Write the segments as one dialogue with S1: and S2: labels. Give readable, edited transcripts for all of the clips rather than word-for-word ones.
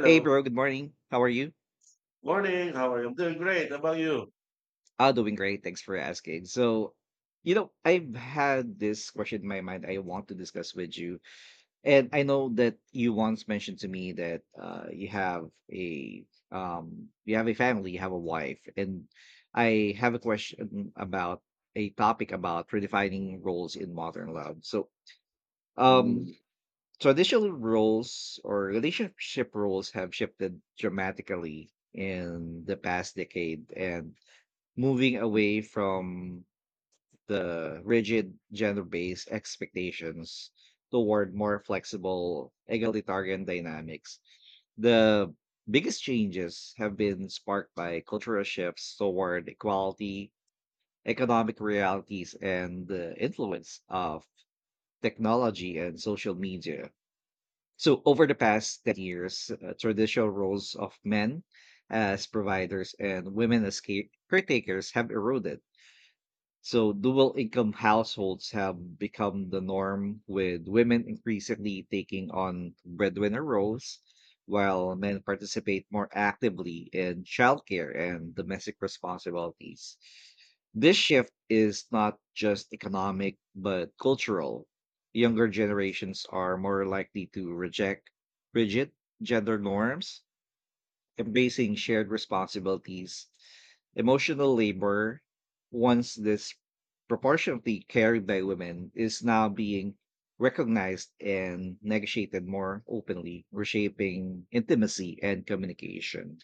S1: Hey bro, good morning. How are you?
S2: Morning. How are you? I'm doing great. How about you?
S1: I'm doing great. Thanks for asking. I've had this question in my mind I want to discuss with you. And I know that you once mentioned to me that you have a family, you have a wife, and I have a question about a topic about redefining roles in modern love. Um
S2: Mm.
S1: Traditional roles or relationship roles have shifted dramatically in the past decade and moving away from the rigid gender-based expectations toward more flexible egalitarian dynamics. The biggest changes have been sparked by cultural shifts toward equality, economic realities, and the influence of technology and social media. So, over the past 10 years, traditional roles of men as providers and women as caretakers have eroded, so dual income households have become the norm, with women increasingly taking on breadwinner roles, while men participate more actively in childcare and domestic responsibilities. This shift is not just economic, but cultural. Younger generations are more likely to reject rigid gender norms embracing shared responsibilities. Emotional labor, once disproportionately carried by women, is now being recognized and negotiated more openly, reshaping intimacy and communication.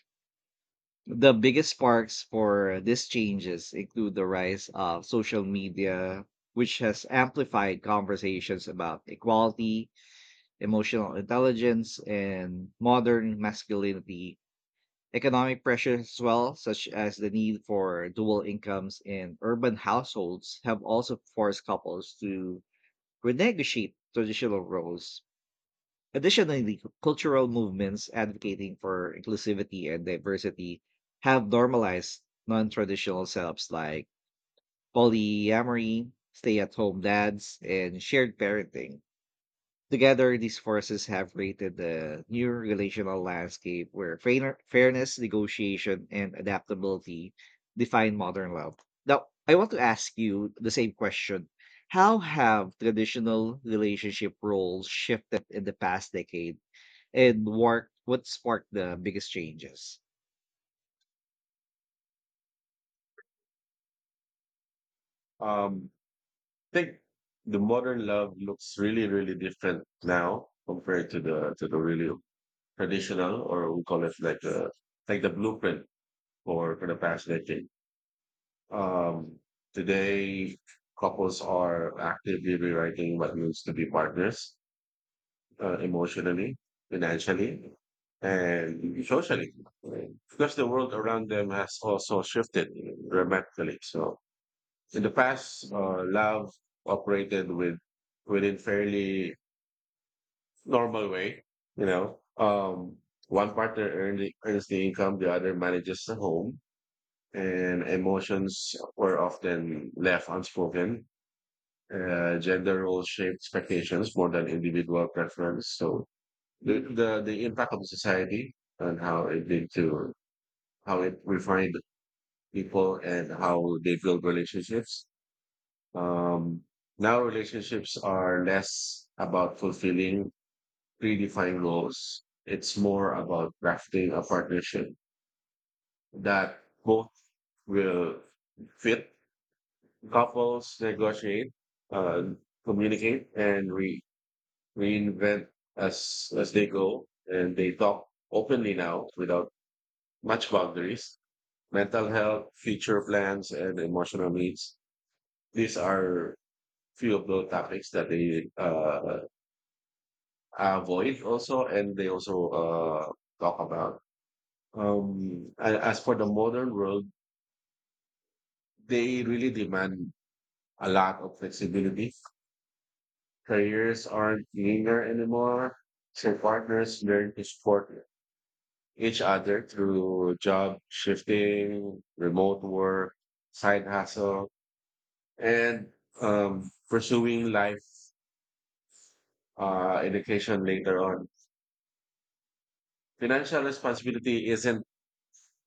S1: The biggest sparks for these changes include the rise of social media, which has amplified conversations about equality, emotional intelligence, and modern masculinity. Economic pressures as well, such as the need for dual incomes in urban households, have also forced couples to renegotiate traditional roles. Additionally, cultural movements advocating for inclusivity and diversity have normalized non traditional setups like polyamory, stay at home dads, and shared parenting. Together, these forces have created the new relational landscape where fairness, negotiation, and adaptability define modern love. Now, I want to ask you the same question. How have traditional relationship roles shifted in the past decade and what sparked the biggest changes?
S2: Um, I think the modern love looks really, really different now compared to the really traditional, or we call it like the blueprint for the past decade. Um, Today, couples are actively rewriting what means to be partners, emotionally, financially, and socially, because the world around them has also shifted dramatically. So in the past, love operated within fairly normal way. You know, um, One partner earns the income, the other manages the home, and emotions were often left unspoken. Gender roles shape expectations more than individual preference. So the impact of society and how it lead to how it refined people and how they build relationships. Um, Now relationships are less about fulfilling predefined goals. It's more about crafting a partnership that both will fit couples, negotiate, uh, communicate, and reinvent as they go. And they talk openly now without much boundaries, mental health, future plans, and emotional needs. These are few of the topics that they avoid also, and they also talk about. And as for the modern world, they really demand a lot of flexibility. Careers aren't linear anymore. So partners learn to support each other through job shifting, remote work, side hustle, and pursuing life education later on. Financial responsibility isn't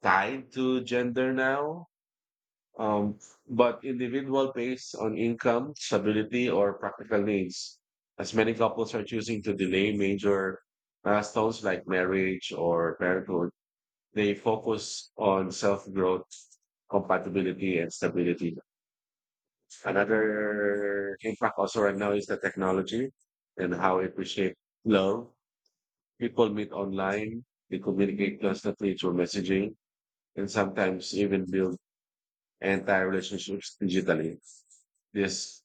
S2: tied to gender now, um, but individual based on income, stability, or practical needs. As many couples are choosing to delay major milestones like marriage or parenthood, they focus on self growth, compatibility, and stability. Another impact also right now is the technology and how it reshape love. People meet online, they communicate constantly through messaging, and sometimes even build entire relationships digitally. This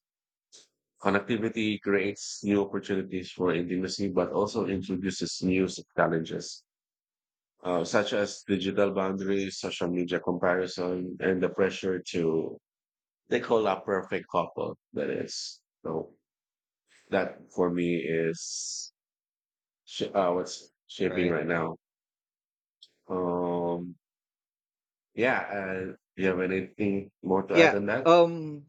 S2: connectivity creates new opportunities for intimacy, but also introduces new challenges, such as digital boundaries, social media comparison, and the pressure to they call a perfect couple. That is, so that for me is what's shaping
S1: Right?
S2: right now. Um, yeah, and do you have anything more to
S1: Yeah.
S2: add on that?
S1: Um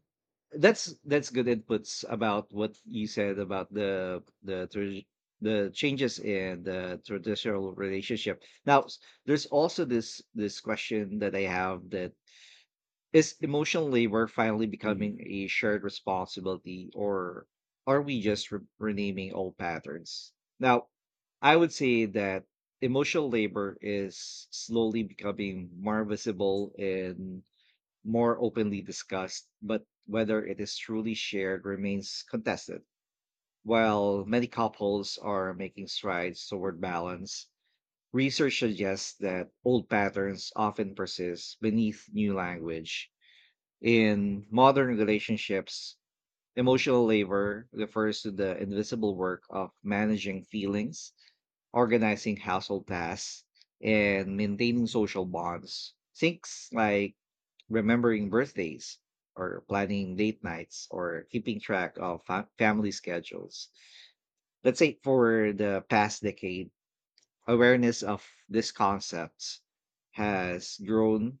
S1: that's good inputs about what you said about the changes in the traditional relationship. Now, there's also this question that I have that is emotional labor finally
S2: Mm,
S1: becoming a shared responsibility, or are we just renaming old patterns? Now, I would say that emotional labor is slowly becoming more visible in more openly discussed, but whether it is truly shared remains contested. While many couples are making strides toward balance, research suggests that old patterns often persist beneath new language. In modern relationships, emotional labor refers to the invisible work of managing feelings, organizing household tasks, and maintaining social bonds. Things like remembering birthdays or planning date nights or keeping track of family schedules. Let's say for the past decade, awareness of these concepts has grown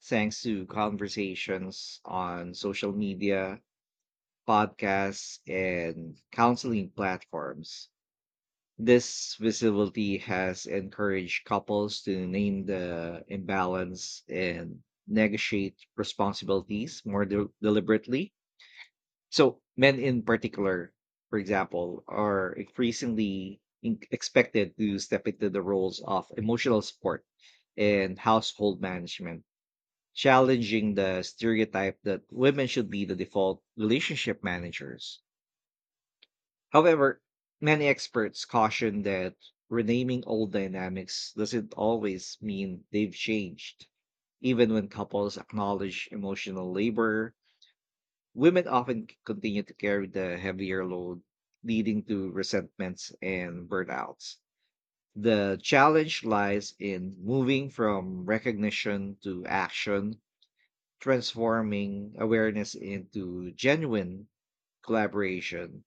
S1: thanks to conversations on social media, podcasts, and counseling platforms. This visibility has encouraged couples to name the imbalance and negotiate responsibilities more deliberately. So, men in particular, for example, are increasingly expected to step into the roles of emotional support and household management, challenging the stereotype that women should be the default relationship managers. However, many experts caution that renaming old dynamics doesn't always mean they've changed. Even when couples acknowledge emotional labor, women often continue to carry the heavier load, leading to resentments and burnouts. The challenge lies in moving from recognition to action, transforming awareness into genuine collaboration.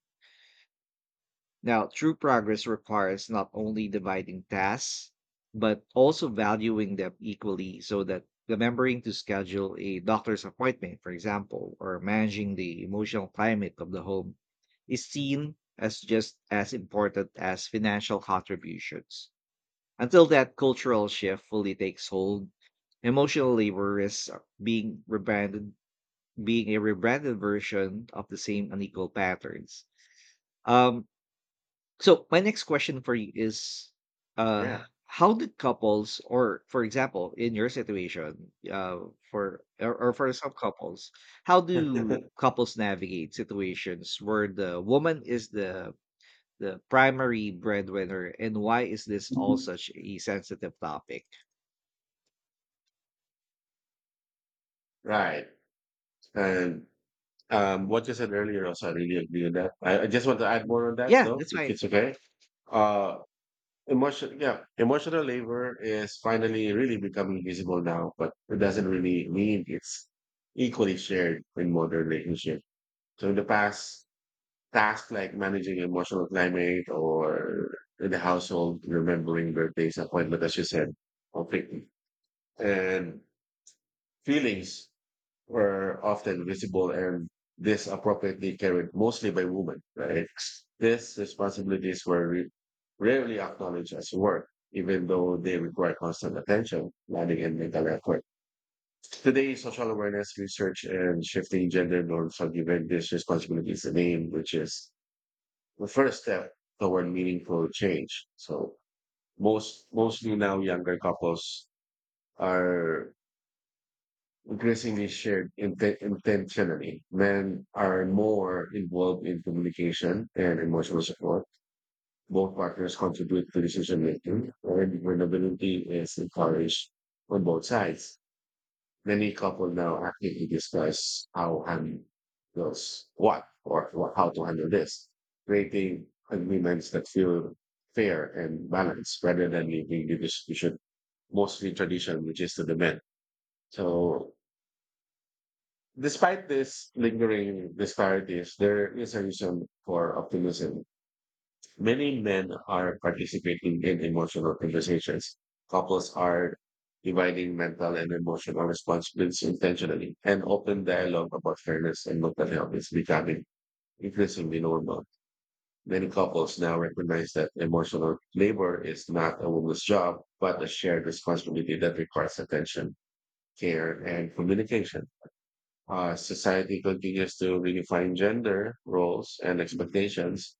S1: Now, true progress requires not only dividing tasks, but also valuing them equally so that remembering to schedule a doctor's appointment, for example, or managing the emotional climate of the home is seen as just as important as financial contributions. Until that cultural shift fully takes hold, emotional labor risks being rebranded, being a rebranded version of the same unequal patterns. Um, so my next question for you is uh
S2: yeah,
S1: how did couples or for example in your situation for or for some couples, how do couples navigate situations where the woman is the primary breadwinner and why is this all such a sensitive topic?
S2: right. And what you said earlier also, I really agree with that. I just want to add more on that
S1: Yeah,
S2: though,
S1: that's
S2: if
S1: fine.
S2: it's okay. Uh, yeah, emotional labor is finally really becoming visible now, but it doesn't really mean it's equally shared in modern relationship. So in the past, tasks like managing emotional climate or in the household, remembering birthdays, appointment, as you said, conflict and feelings were often visible and this appropriately carried mostly by women, right? These responsibilities were rarely acknowledged as work, even though they require constant attention, planning, and mental effort. Today, social awareness research and shifting gender norms have given these responsibilities a name, which is the first step toward meaningful change. So mostly now younger couples are increasingly shared intentionally. Men are more involved in communication and emotional support. Both partners contribute to decision making, and vulnerability is encouraged on both sides. Many couples now actively discuss how handle those what or how to handle this, creating agreements that feel fair and balanced rather than leaving the distribution mostly tradition, which is to the men. So despite this lingering disparities, there is a reason for optimism. Many men are participating in emotional conversations. Couples are dividing mental and emotional responsibilities intentionally, and open dialogue about fairness and mental health is becoming increasingly normal. Many couples now recognize that emotional labor is not a woman's job, but a shared responsibility that requires attention, care, and communication. Society continues to redefine gender roles and expectations.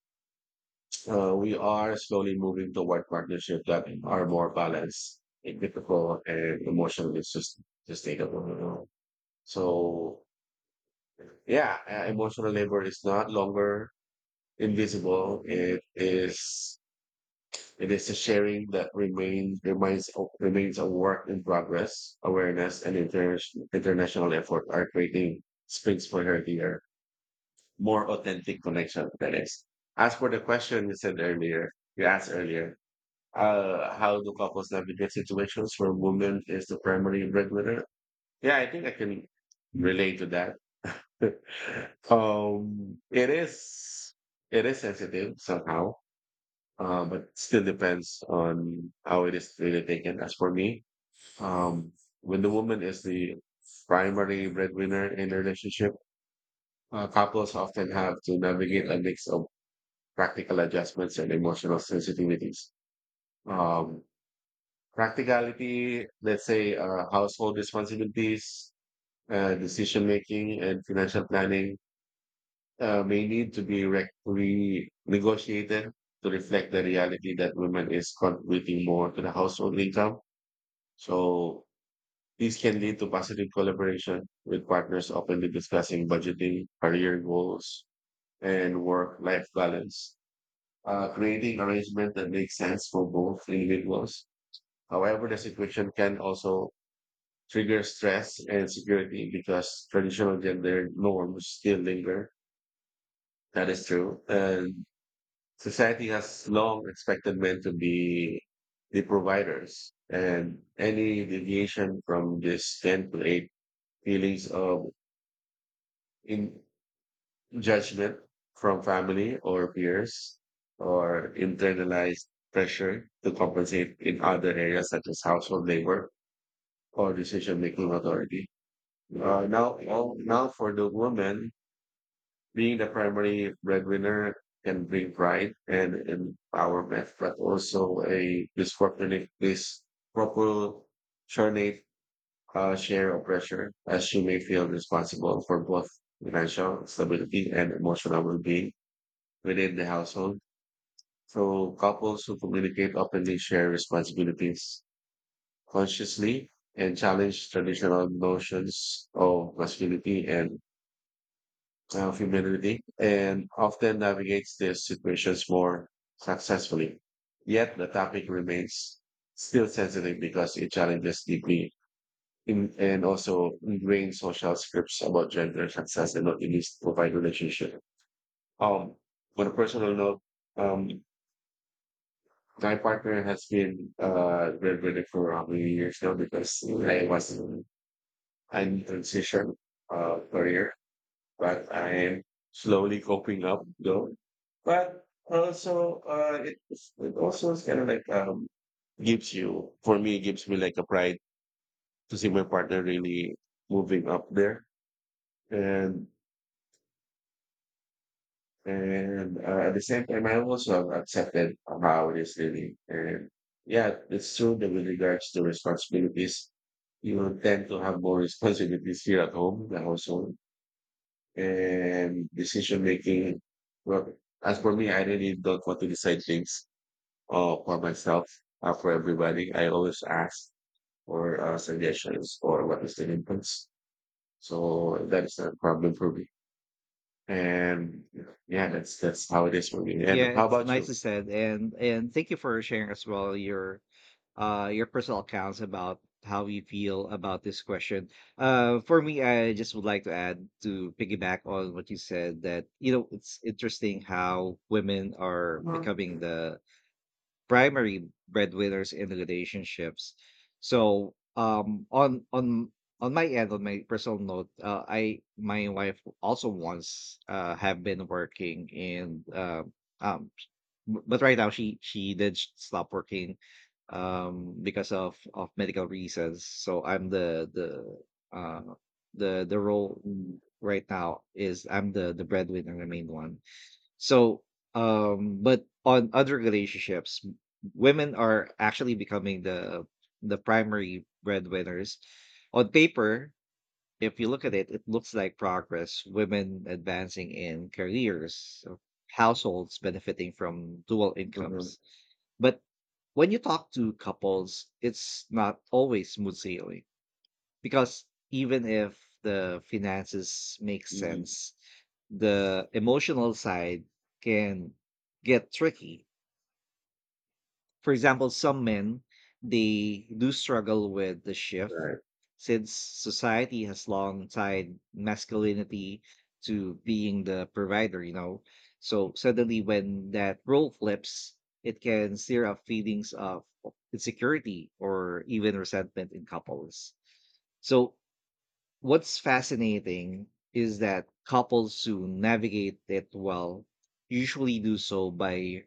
S2: We are slowly moving toward partnerships that are more balanced, equitable, and emotionally sustainable. You know? So, yeah, emotional labor is not longer invisible. It is a sharing that remains a work in progress. Awareness and international effort are creating springs for healthier, more authentic connection. That is. As for the question you said earlier, you asked earlier, how do couples navigate situations where woman is the primary breadwinner. Yeah, I think I can relate to that. um, it is it is sensitive somehow, but still depends on how it is really taken. As for me, um, when the woman is the primary breadwinner in a relationship, couples often have to navigate a mix of practical adjustments and emotional sensitivities. Um, Practicality, let's say household responsibilities, decision making, and financial planning may need to be renegotiated to reflect the reality that women is contributing more to the household income. So these can lead to positive collaboration with partners openly discussing budgeting, career goals, and work-life balance, creating arrangement that makes sense for both individuals. However, the situation can also trigger stress and security because traditional gender norms still linger. That is true. And society has long expected men to be the providers. And any deviation from this can create feelings of in judgment from family or peers or internalized pressure to compensate in other areas such as household labor or decision making authority. Now, well, now for the woman, being the primary breadwinner can bring pride and empowerment, but also a disproportionate share of pressure, as she may feel responsible for both financial stability and emotional well-being within the household. So couples who communicate openly share responsibilities consciously and challenge traditional notions of masculinity and of humanity and often navigates these situations more successfully. Yet the topic remains still sensitive because it challenges deeply and also ingrained social scripts about gender, success, and not least provide relationship. Um, on a personal note, um, my partner has been graduated for how many years now because I was in transition career, but I am slowly coping up though. But also, it also is kind of like, gives you, for me, it gives me like a pride to see my partner really moving up there. And and at the same time, I also have accepted how it is really. And yeah, it's true that with regards to responsibilities, you tend to have more responsibilities here at home, in the household and decision making. Well, as for me, I really don't want to decide things for myself, for everybody. I always ask for suggestions or what is the inputs. So that is not a problem for me. And yeah, that's how it is for me.
S1: Yeah,
S2: And how
S1: it's
S2: about you?
S1: nicely said, and thank you for sharing as well your personal accounts about how you feel about this question. For me, I just would like to add to piggyback on what you said that, you know, it's interesting how women are
S2: Mhm.
S1: becoming the primary breadwinners in relationships. So on my end, on my personal note, I my wife also once have been working in um B but right now, she did s stop working, because of medical reasons. So I'm uh the role
S2: Mm,
S1: right now is I'm the breadwinner, the main one. So, but on other relationships, women are actually becoming the primary breadwinners. On paper, if you look at it, it looks like progress, women advancing in careers, households benefiting from dual
S2: mhm,
S1: incomes. But when you talk to couples, it's not always smooth sailing because even if the finances make
S2: mhm.
S1: sense, the emotional side can get tricky. For example, some men, they do struggle with the shift
S2: Right,
S1: since society has long tied masculinity to being the provider, you know. So suddenly when that role flips, it can stir up feelings of insecurity or even resentment in couples. So what's fascinating is that couples who navigate it well usually do so by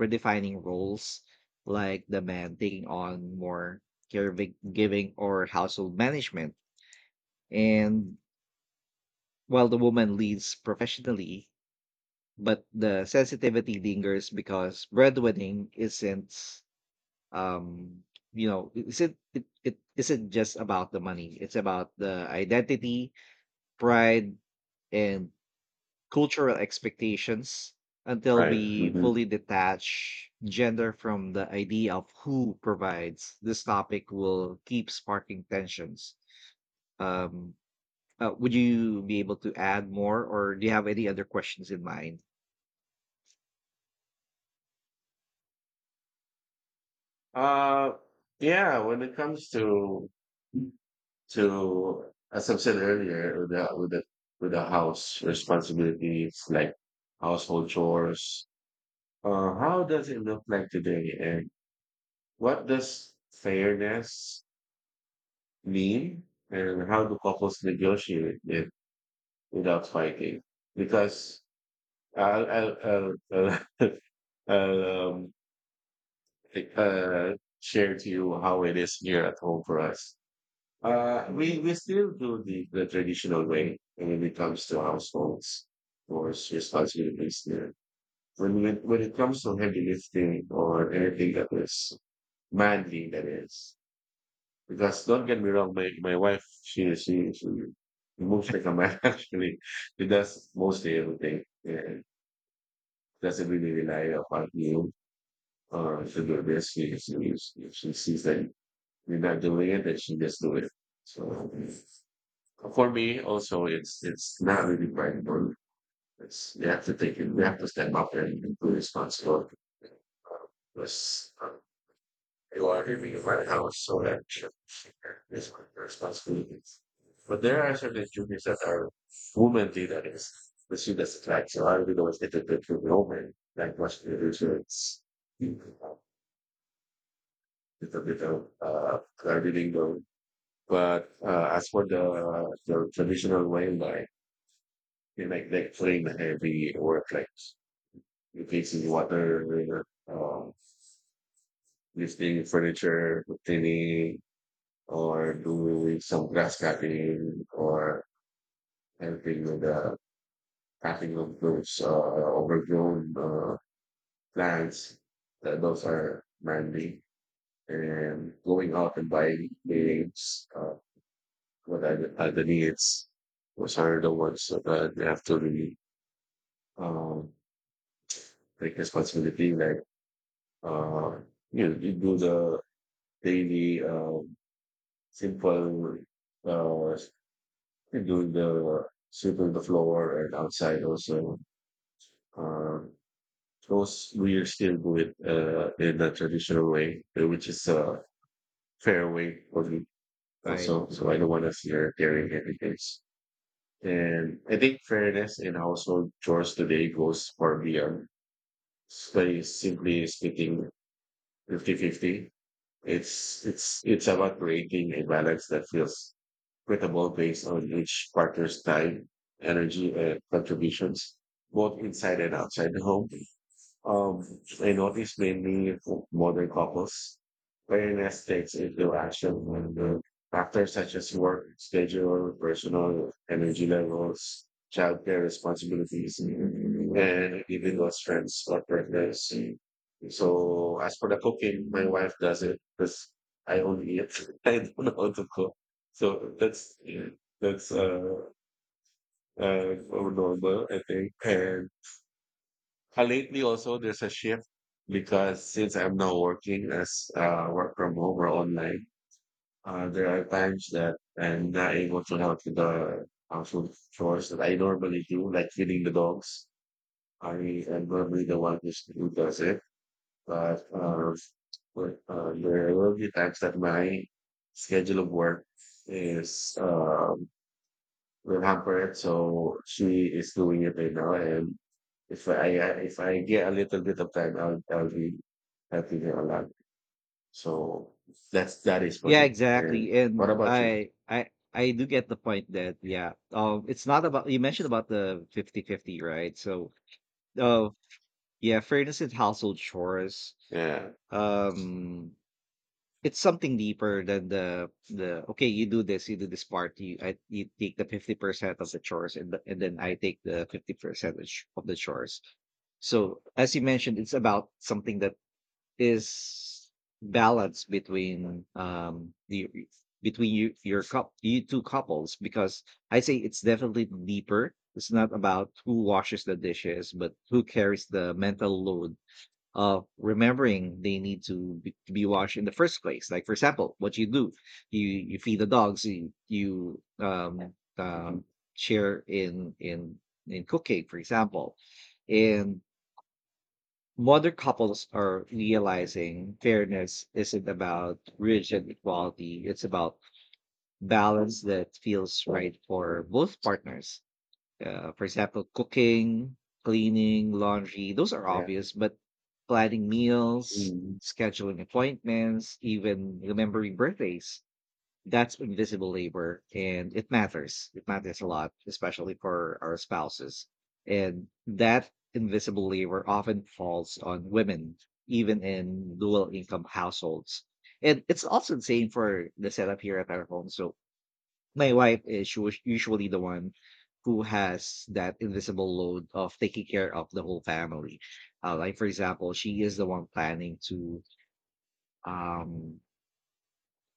S1: redefining roles, like the man taking on more caregiving giving or household management, and while the woman leads professionally, but the sensitivity lingers because breadwinning isn't um you know isn't it, it isn't just about the money, it's about the identity, pride, and cultural expectations until
S2: right.
S1: we
S2: Mhm.
S1: fully detach gender from the idea of who provides. This topic will keep sparking tensions. Um, would you be able to add more, or do you have any other questions in mind?
S2: Uh, yeah. When it comes to So as I've said earlier, with the house responsibilities like household chores, how does it look like today, and what does fairness mean, and how do couples negotiate it without fighting? Because I'll I'll, I'll, I'll I'll uh, share to you how it is here at home for us. We still do the traditional way when it comes to households or responsibilities there. When it comes to heavy lifting or anything that is manly, that is, because don't get me wrong, my wife, she moves like a man, actually. She does mostly everything and doesn't really rely upon you or to do this. She sees that you're not doing it, then she just do it. So. For me, also, it's not really quite important. It's you have to take it. You have to step up and be responsible. Because you are living in my house, so is my responsibility. But there are certain duties that are women do that is the she that's like so I really always get the bit from the woman like much to do so it's a bit of reading though. But as for the traditional way, like you like playing heavy workplace, replacing water, um, lifting furniture, cleaning, or doing some grass cutting, or helping with the cutting of those overgrown plants. That those are manly and going out and buying things. What are are the needs? Those are the ones that they have to really um, take responsibility. Like. Uh, you do the daily simple, uh, you do the sweeping the floor and outside also. Uh, those we still do it in the traditional way, which is a fair way for me
S1: Right.
S2: also. So I don't want to see her tearing everything. And I think fairness in household chores today goes far beyond, by simply splitting fifty-fifty. It's about creating a balance that feels equitable based on each partner's time, energy, and contributions, both inside and outside the home. I noticed mainly for modern couples, fairness takes into action when the factors such as work schedule, personal energy levels, childcare responsibilities, and even those friends or partners. So as for the cooking, my wife does it because I only eat. I don't know how to cook. So that's yeah, that's normal, I think, and lately, also, there's a shift because since I'm now working as work from home or online, there are times that I'm not able to help with the household chores that I normally do, like feeding the dogs. I am normally the one who does it. But uh, but there will be times that my schedule of work is will hamper it. So she is doing it right now, and if I get a little bit of time, I'll be helping her a lot. So that is for
S1: Yeah,
S2: me.
S1: exactly.
S2: And
S1: And
S2: what about you?
S1: I do get the point that, yeah, um, it's not about, you mentioned about the 50-50, right? So oh yeah, fairness in household chores.
S2: Yeah.
S1: Um it's something deeper than the okay, you do this part, you take the 50% of the chores and the, and then I take the 50% of of the chores. So as you mentioned, it's about something that is balance between the between you, your cup you two couples, because I say it's definitely deeper. It's not about who washes the dishes, but who carries the mental load of remembering they need to be washed in the first place. Like for example, what you do, you feed the dogs, you
S2: Mhm.
S1: share in cooking, for example. And modern couples are realizing fairness isn't about rigid equality, it's about balance that feels right for both partners. For example, cooking, cleaning, laundry, those are
S2: Yeah.
S1: obvious, but planning meals,
S2: Mhm.
S1: scheduling appointments, even remembering birthdays, that's invisible labor, and it matters, it matters a lot, especially for our spouses. And that invisible labor often falls on women even in dual income households, and it's also the same for the setup here at our home. So my wife is usually the one who has that invisible load of taking care of the whole family. Uh, like for example, she is the one planning to um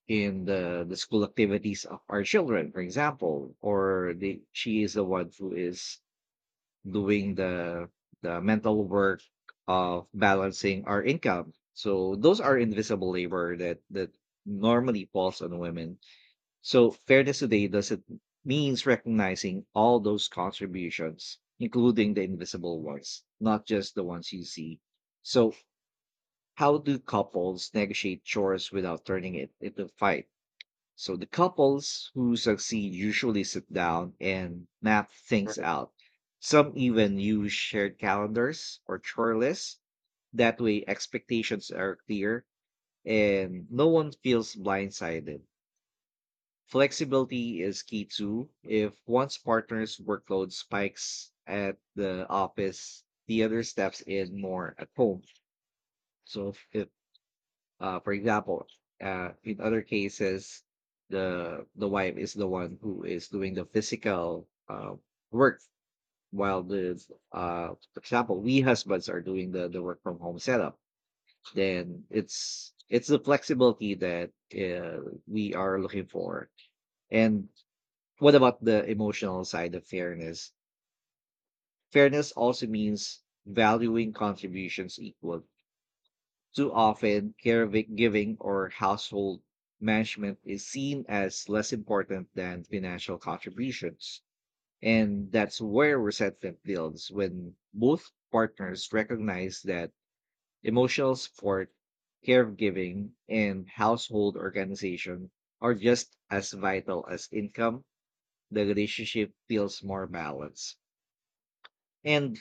S1: in the school activities of our children, for example, or the she is the one who is doing the mental work of balancing our income. So those are invisible labor that normally falls on women. So fairness today doesn't means recognizing all those contributions including the invisible ones, not just the ones you see. So how do couples negotiate chores without turning it into a fight? So the couples who succeed usually sit down and map things
S2: Perfect.
S1: out. Some even use shared calendars or chore lists. That way, expectations are clear and no one feels blindsided. Flexibility is key too. If one's partner's workload spikes at the office, the other steps in more at home. So if for example, in other cases, the wife is the one who is doing the physical work, while the for example, we husbands are doing the work from home setup. Then it's the flexibility that we are looking for. And what about the emotional side of fairness? Fairness also means valuing contributions equally. Too often, giving or household management is seen as less important than financial contributions. And that's where resentment builds. When both partners recognize that emotional support, caregiving, and household organization are just as vital as income, the relationship feels more balanced. And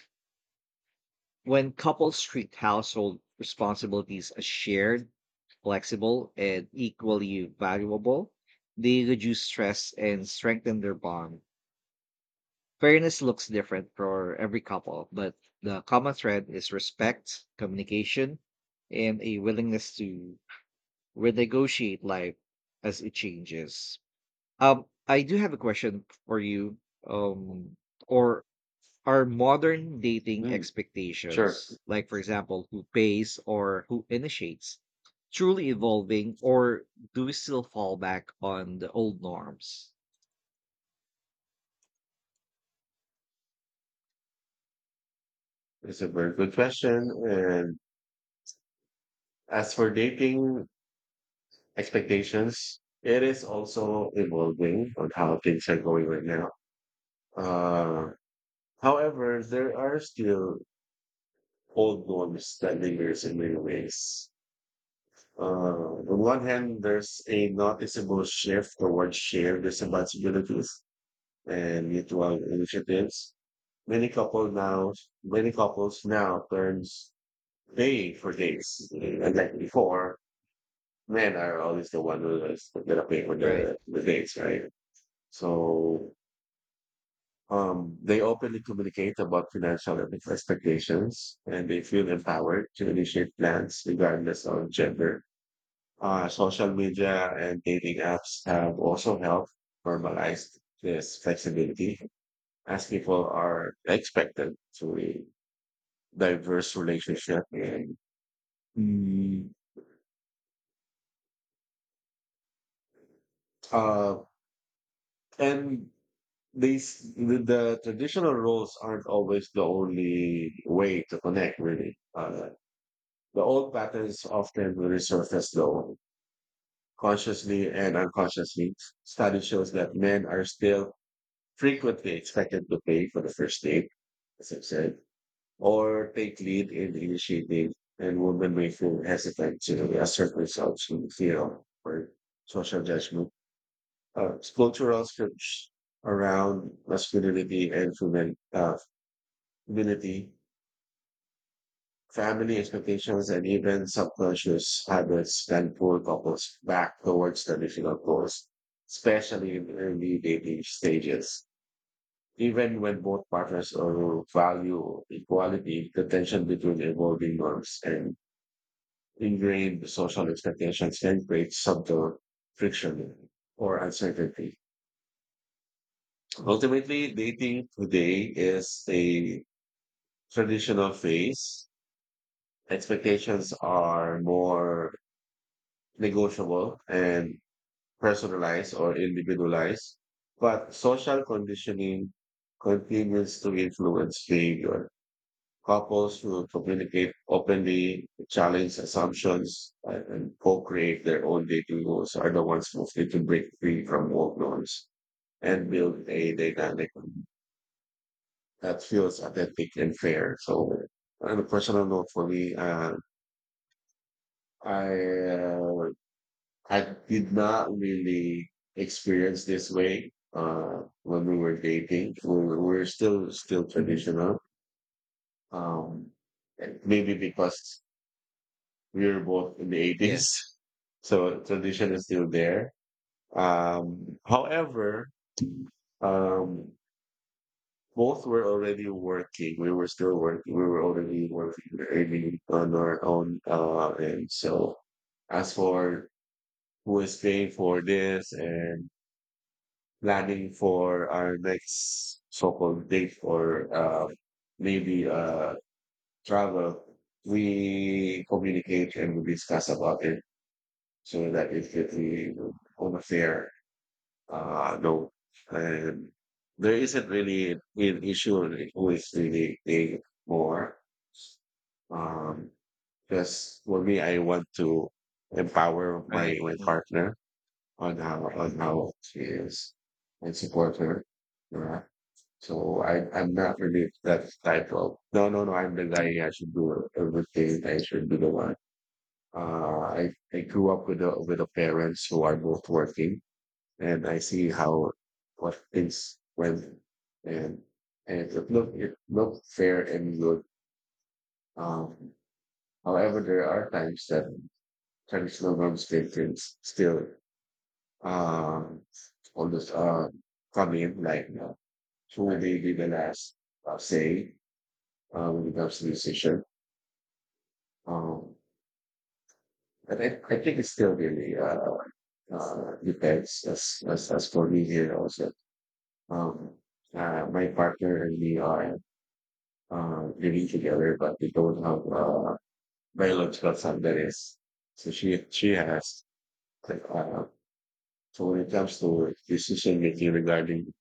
S1: when couples treat household responsibilities as shared, flexible, and equally valuable, they reduce stress and strengthen their bond. Fairness looks different for every couple, but the common thread is respect, communication, and a willingness to renegotiate life as it changes. I do have a question for you, um, or are modern dating
S2: Mm. Sure.
S1: expectations, like for example, who pays or who initiates, truly evolving, or do we still fall back on the old norms?
S2: It's a very good question. And as for dating expectations, it is also evolving on how things are going right now. Uh, however, there are still old norms that lingers in many ways. On one hand, there's a noticeable shift towards shared responsibilities and mutual initiatives. Many couple now, many couples now turns pay for dates. And like before, men are always the one who is gonna pay for
S1: Right.
S2: the dates, right? So they openly communicate about financial expectations and they feel empowered to initiate plans regardless of gender. Social media and dating apps have also helped normalize this flexibility as people are expected to a diverse relationship, mm, uh, and these the traditional roles aren't always the only way to connect really. The old patterns often resurface, though consciously and unconsciously. Study shows that men are still frequently expected to pay for the first date, as I've said, or take lead in initiating, and women may feel hesitant to assert themselves in fear of or social judgment. Cultural scripts around masculinity and femininity, family expectations, and even subconscious habits can pull couples back towards traditional goals, especially in early dating stages. Even when both partners value equality, the tension between evolving norms and ingrained social expectations can create subtle friction or uncertainty. Ultimately, dating today is a traditional phase. Expectations are more negotiable and personalized or individualized, but social conditioning continues to influence behavior. Couples who communicate openly, challenge assumptions, and co-create their own dating goals are the ones mostly to break free from old norms and build a dynamic that feels authentic and fair. So on a personal note for me, I uh, I did not really experience this way when we were dating. We were still
S1: Hmm.
S2: traditional. Um, and maybe because we were both in the
S1: Yeah.
S2: 80s. So tradition is still there. However, um, both were already working. We were still working. We were already working, earning on our own. And so, as for who is paying for this and planning for our next so-called date or maybe travel, we communicate and we discuss about it so that it could be over there. No, and there isn't really an issue with the thing more. Um, because for me, I want to empower my
S1: Right.
S2: my
S1: Mm.
S2: partner on how she is and support her. Yeah. So I'm not really that type of no, no, no. I'm the guy. I should do everything. I should be the one. Uh, I I grew up with a parents who are both working, and I see how what things went, and and it looked fair and good. Um, however, there are times that traditional norms still can still um almost come in like who may be the last say when it comes to decision. Um, but I think it's still really depends. As for me here also, um, my partner and me are living together, but we don't have biological son that is. So she has like, so when it comes to decision making regarding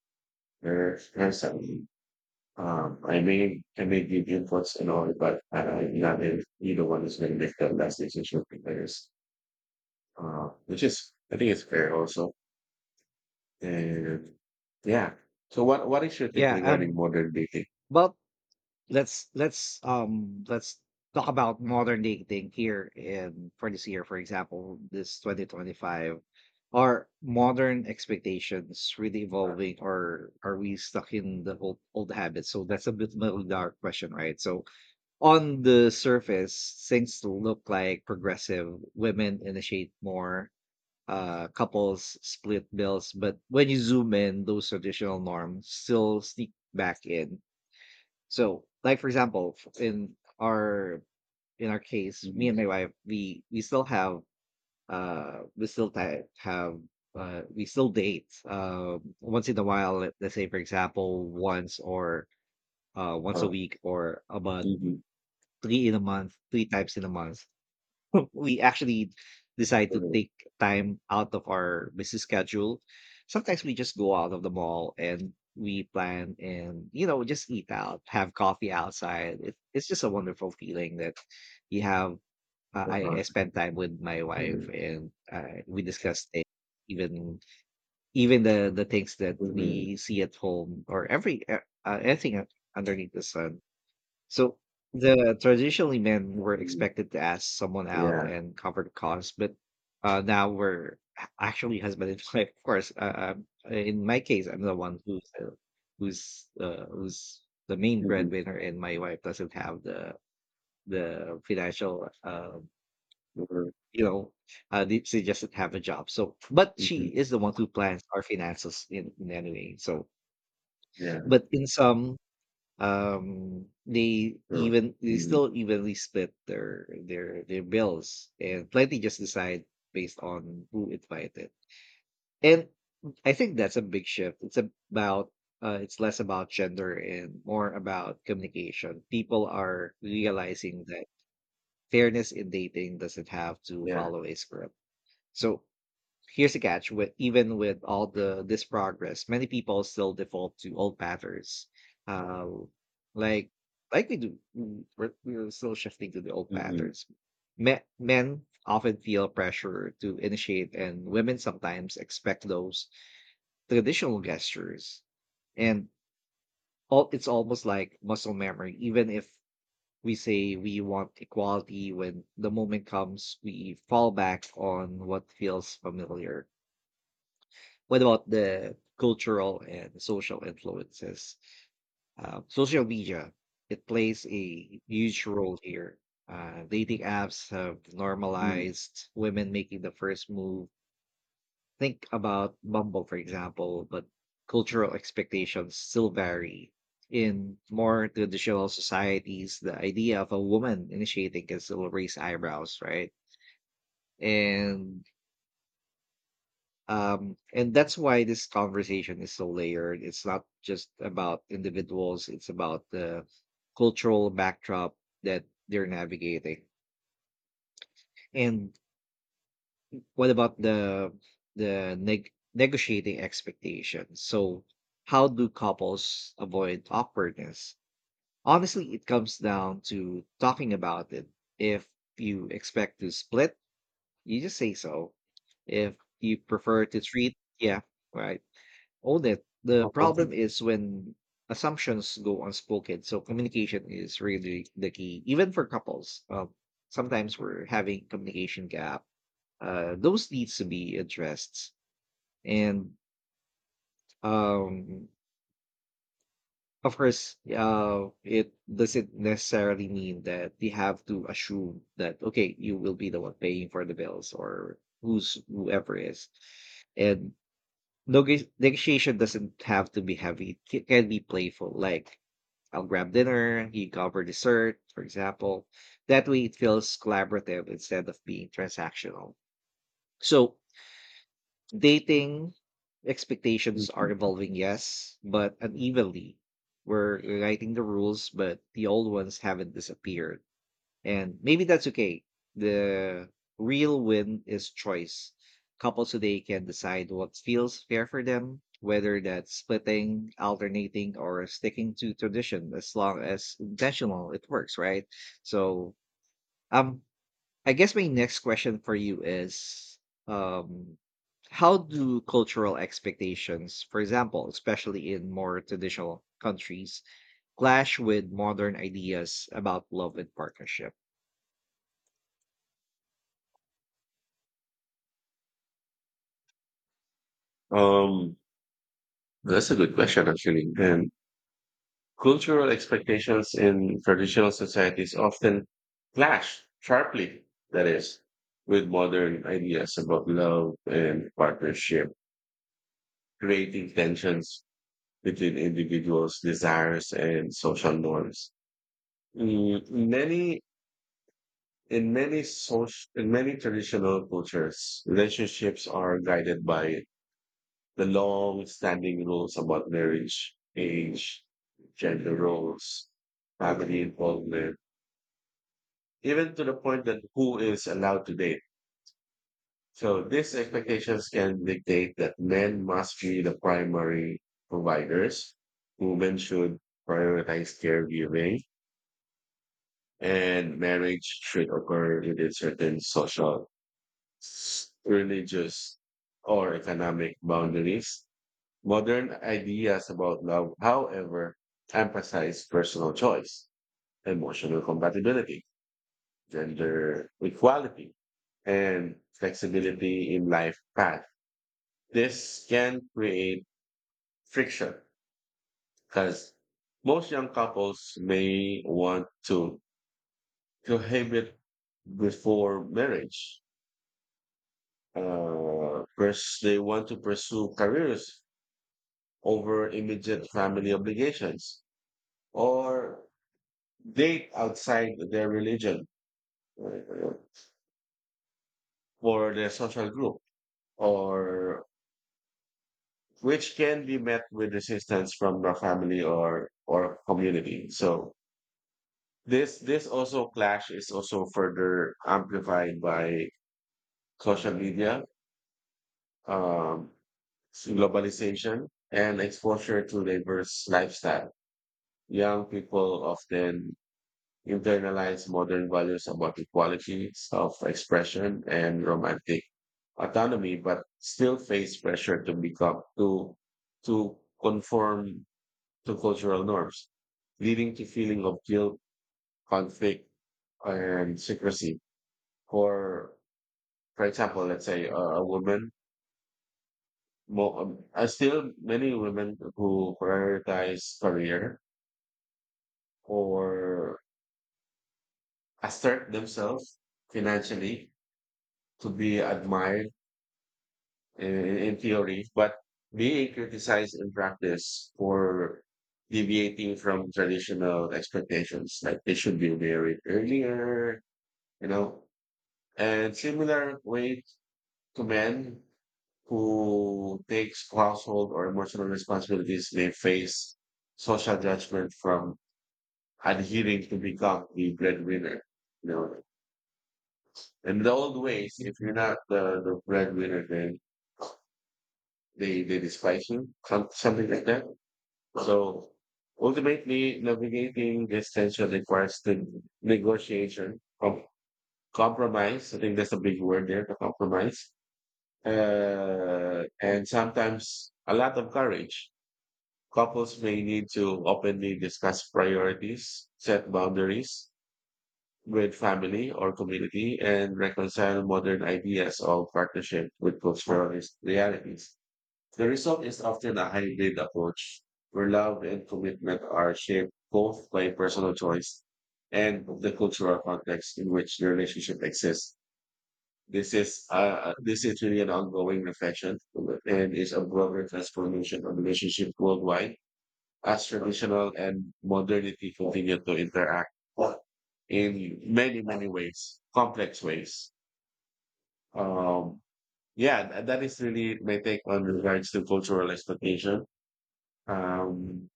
S2: her son, I may give inputs and all, but not if either one is going to make the last decision for others. Which is I think it's fair also. Yeah, yeah, yeah. Yeah. So what is your take
S1: Yeah.
S2: regarding modern dating?
S1: But let's talk about modern dating here in for this year, for example, this 2025. Are modern expectations really
S2: Uh,
S1: evolving, or are we stuck in the old habits? So that's a bit of a dark question, right? So on the surface things look like progressive, women initiate more, uh, couples split bills, but when you zoom in, those traditional norms still sneak back in. So, like for example, in our case, me and
S2: mhm.
S1: my wife, we still have uh we still ti- have uh, we still date uh, once in a while. Let's say, for example, once or uh, once a
S2: uh,
S1: week or about
S2: mhm.
S1: three in a month, three times in a month. We actually decide to
S2: Mhm.
S1: take time out of our busy schedule. Sometimes we just go out of the mall and we plan and, you know, just eat out, have coffee outside. It's just a wonderful feeling that you have. I
S2: Uh-huh.
S1: I spend time with my wife
S2: Mhm.
S1: and, we discuss things, even even the things that
S2: Mhm.
S1: we see at home or every anything underneath the sun. So the traditionally men were
S2: Mhm.
S1: expected to ask someone out
S2: Yeah.
S1: and cover the cost, but, now we're actually husband and wife. Of course, in my case, I'm the one who's the main
S2: Mhm.
S1: breadwinner, and my wife doesn't have the financial.
S2: Mhm.
S1: You know, she just doesn't have a job. So, but she
S2: Mhm.
S1: is the one who plans our finances in any way. So,
S2: Yeah.
S1: but in some, um, they
S2: Sure.
S1: even they
S2: Mhm.
S1: still evenly split their their bills and plenty just decide based on who invited. And I think that's a big shift. It's about, it's less about gender and more about communication. People are realizing that fairness in dating doesn't have to
S2: Yeah.
S1: follow a script. So here's the catch: with even with all the this progress, many people still default to old patterns. Uh, like like we do, we're still shifting to the old
S2: Mhm.
S1: patterns. Men often feel pressure to initiate, and women sometimes expect those traditional gestures. And it's almost like muscle memory. Even if we say we want equality, when the moment comes, we fall back on what feels familiar. What about the cultural and social influences? Social media, it plays a huge role here. Dating apps have
S2: Mhm.
S1: normalized women making the first move. Think about Bumble, for example, but cultural expectations still vary. In more traditional societies, the idea of a woman initiating can still raise eyebrows, right? And and that's why this conversation is so layered. It's not just about individuals, it's about the cultural backdrop that they're navigating. And what about the negotiating expectations? So how do couples avoid awkwardness? Honestly, it comes down to talking about it. If you expect to split, you just say so. If you prefer to treat, yeah, right. Oh, that the
S2: Uh-huh.
S1: problem is when assumptions go unspoken. So communication is really the key, even for couples. Sometimes we're having communication gap. Those needs to be addressed, and, um, of course, it doesn't necessarily mean that we have to assume that okay, you will be the one paying for the bills or who's whoever is, and. Negotiation doesn't have to be heavy. It can be playful, like I'll grab dinner, you cover dessert, for example. That way it feels collaborative instead of being transactional. So dating expectations are
S2: Mhm.
S1: evolving, yes, but unevenly. We're writing the rules, but the old ones haven't disappeared. And maybe that's okay. The real win is choice. Couples today can decide what feels fair for them, whether that's splitting, alternating, or sticking to tradition, as long as intentional it works, right? So, um, I guess my next question for you is, um, how do cultural expectations, for example, especially in more traditional countries, clash with modern ideas about love and partnership?
S2: Um, that's a good question actually. And cultural expectations in traditional societies often clash sharply, that is, with modern ideas about love and partnership, creating tensions between individuals' desires and social norms. Mm, Many in many social in many traditional cultures, relationships are guided by the long-standing rules about marriage, age, gender roles, family involvement, even to the point that who is allowed to date. So these expectations can dictate that men must be the primary providers, women should prioritize caregiving, and marriage should occur within certain social, religious, or economic boundaries. Modern ideas about love, however, emphasize personal choice, emotional compatibility, gender equality, and flexibility in life path. This can create friction because most young couples may want to cohabit before marriage. First, they want to pursue careers over immediate family obligations or date outside their religion, uh, or their social group, or which can be met with resistance from the family or community. So, this also clash is also further amplified by social media, um, globalization, and exposure to diverse lifestyle. Young people often internalize modern values about equality, self-expression, and romantic autonomy, but still face pressure to conform to cultural norms, leading to feeling of guilt, conflict, and secrecy. for for example, let's say a woman, still many women who prioritize career or assert themselves financially to be admired in theory, but being criticized in practice for deviating from traditional expectations, like they should be married earlier, you know, and similar way to men who takes household or emotional responsibilities may face social judgment from adhering to become the breadwinner. You know, in the old ways, if you're not the breadwinner, then they despise you, something like that. So ultimately, navigating this tension requires the negotiation, compromise. I think that's a big word there, the compromise. And sometimes a lot of courage. Couples may need to openly discuss priorities, set boundaries with family or community, and reconcile modern ideas of partnership with cultural realities. The result is often a hybrid approach where love and commitment are shaped both by personal choice and the cultural context in which the relationship exists. This is really an ongoing reflection and is a broader transformation of relationship worldwide as traditional and modernity continue to interact in many, many ways, complex ways. Um, that is really my take on regards to cultural expectation. Um,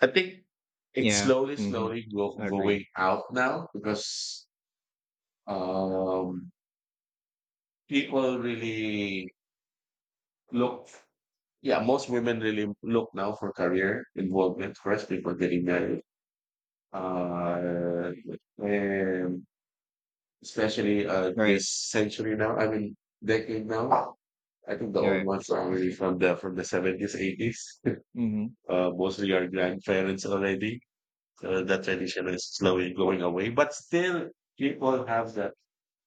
S2: I think it's
S1: Yeah.
S2: slowly,
S1: Hmm.
S2: slowly
S1: I agree.
S2: going out now because um, people really look. Yeah, most women really look now for career involvement first before getting married. Uh, and especially
S1: Right.
S2: this century now. I mean decade now. I think the old
S1: Yeah.
S2: ones are already from the seventies, 80s.
S1: Hmm.
S2: Mostly our grandparents already. That tradition is slowly going away, but still people have that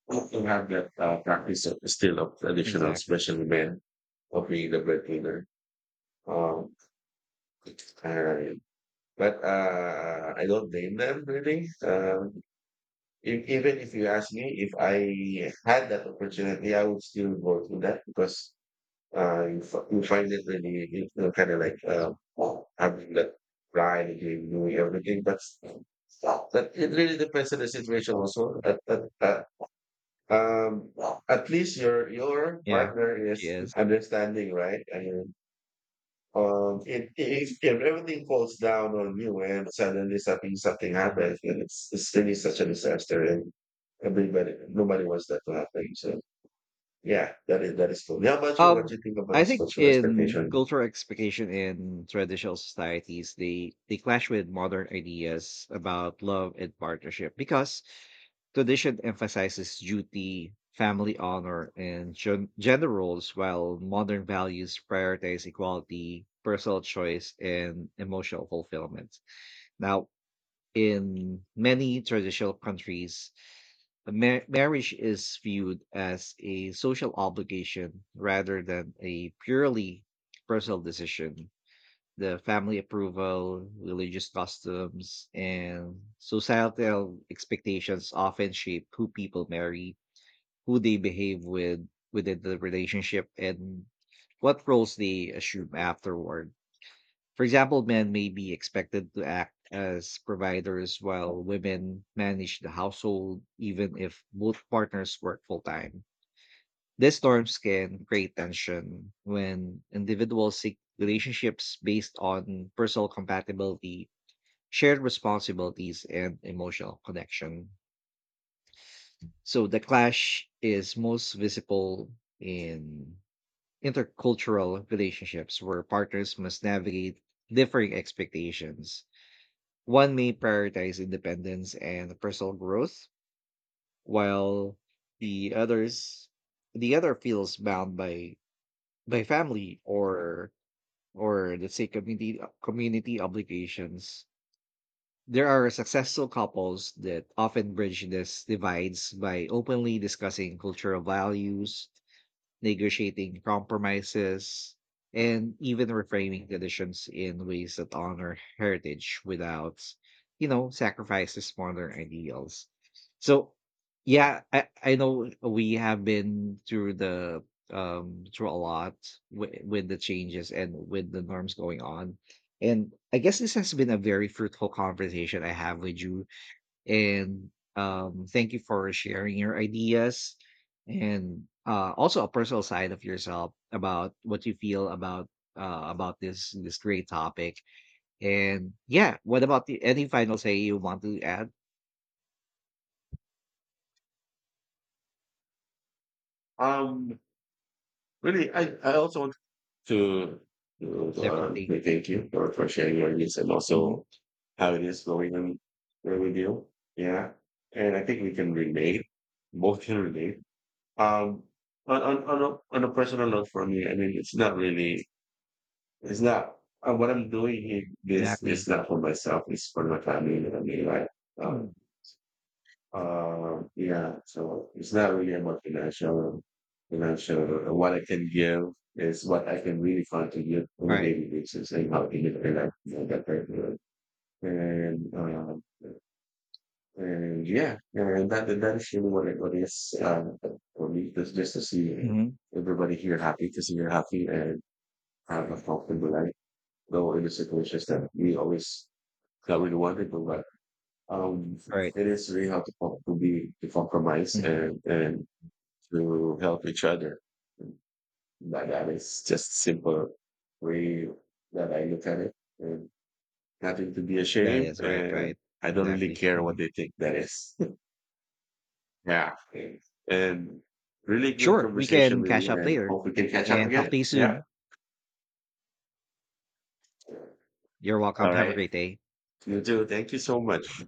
S2: people have that practice of, still of traditional,
S1: Exactly.
S2: especially men of being the breadwinner. Um, and- but I don't blame them really. If, even if you ask me if I had that opportunity, I would still go through that because you find it really, kind of like having that pride in doing everything. But that it really depends on the situation also. Um, at least your
S1: Yeah.
S2: partner
S1: She
S2: is
S1: is.
S2: understanding, right? It, if everything falls down on you and suddenly something
S1: Mhm.
S2: happens, then it's really such a disaster, and everybody nobody wants that to happen. So yeah, that is cool. How about you? What do
S1: Um,
S2: you think about
S1: I
S2: this
S1: think
S2: cultural
S1: in
S2: expectation?
S1: cultural expectation in traditional societies, they clash with modern ideas about love and partnership because tradition emphasizes duty, family honor, and gender roles, while modern values prioritize equality, personal choice, and emotional fulfillment. Now, in many traditional countries, marriage is viewed as a social obligation rather than a purely personal decision. The family approval, religious customs, and societal expectations often shape who people marry, who they behave with within the relationship, and what roles they assume afterward. For example, men may be expected to act as providers while women manage the household, even if both partners work full time. These norms can create tension when individuals seek relationships based on personal compatibility, shared responsibilities, and emotional connection. So the clash is most visible in intercultural relationships where partners must navigate differing expectations. One may prioritize independence and personal growth, while the others the other feels bound by family or let's say community obligations. There are successful couples that often bridge these divides by openly discussing cultural values, negotiating compromises, and even reframing traditions in ways that honor heritage without, you know, sacrifices modern ideals. So, yeah, I know we have been through the, um, through a lot with the changes and with the norms going on. And I guess this has been a very fruitful conversation I have with you, and, thank you for sharing your ideas, and, also a personal side of yourself about what you feel about, about this this great topic. And yeah, what about the any final say you want to add?
S2: Um, Really, I also want to to
S1: Definitely.
S2: say thank you for sharing your needs and
S1: Hmm.
S2: also how it is going on with you. Yeah, and I think we can relate. Both can relate. Um, on a personal note for me, I mean, it's not what I'm doing here. This is
S1: Exactly.
S2: not for myself. It's for my family. You know what I mean, like, um,
S1: Mm.
S2: yeah. So it's not really about financial. What I can give is what I can really contribute on
S1: All
S2: a
S1: right.
S2: daily basis and how to make my life more better. You know, that kind of. And uh, And yeah, and that is really what it is for me. Just to see
S1: Mhm.
S2: everybody here happy, to see you're happy and have a comfortable life. Though in the situations that we always that we want but um,
S1: All right.
S2: it is really hard to compromise
S1: Mm.
S2: and to help each other. That is just simple way that I look at it, and nothing to be
S1: That
S2: ashamed.
S1: is right.
S2: And
S1: Right.
S2: I don't really
S1: Exactly.
S2: care what
S1: Mhm.
S2: they think. That is. Yeah. And really good
S1: Sure. We
S2: conversation
S1: can
S2: with
S1: catch
S2: you
S1: up
S2: and
S1: later
S2: hope we can catch up
S1: and talk
S2: again.
S1: to you
S2: Yeah.
S1: soon. You're
S2: All
S1: welcome. Have a
S2: right.
S1: great day.
S2: You too. Thank you so much.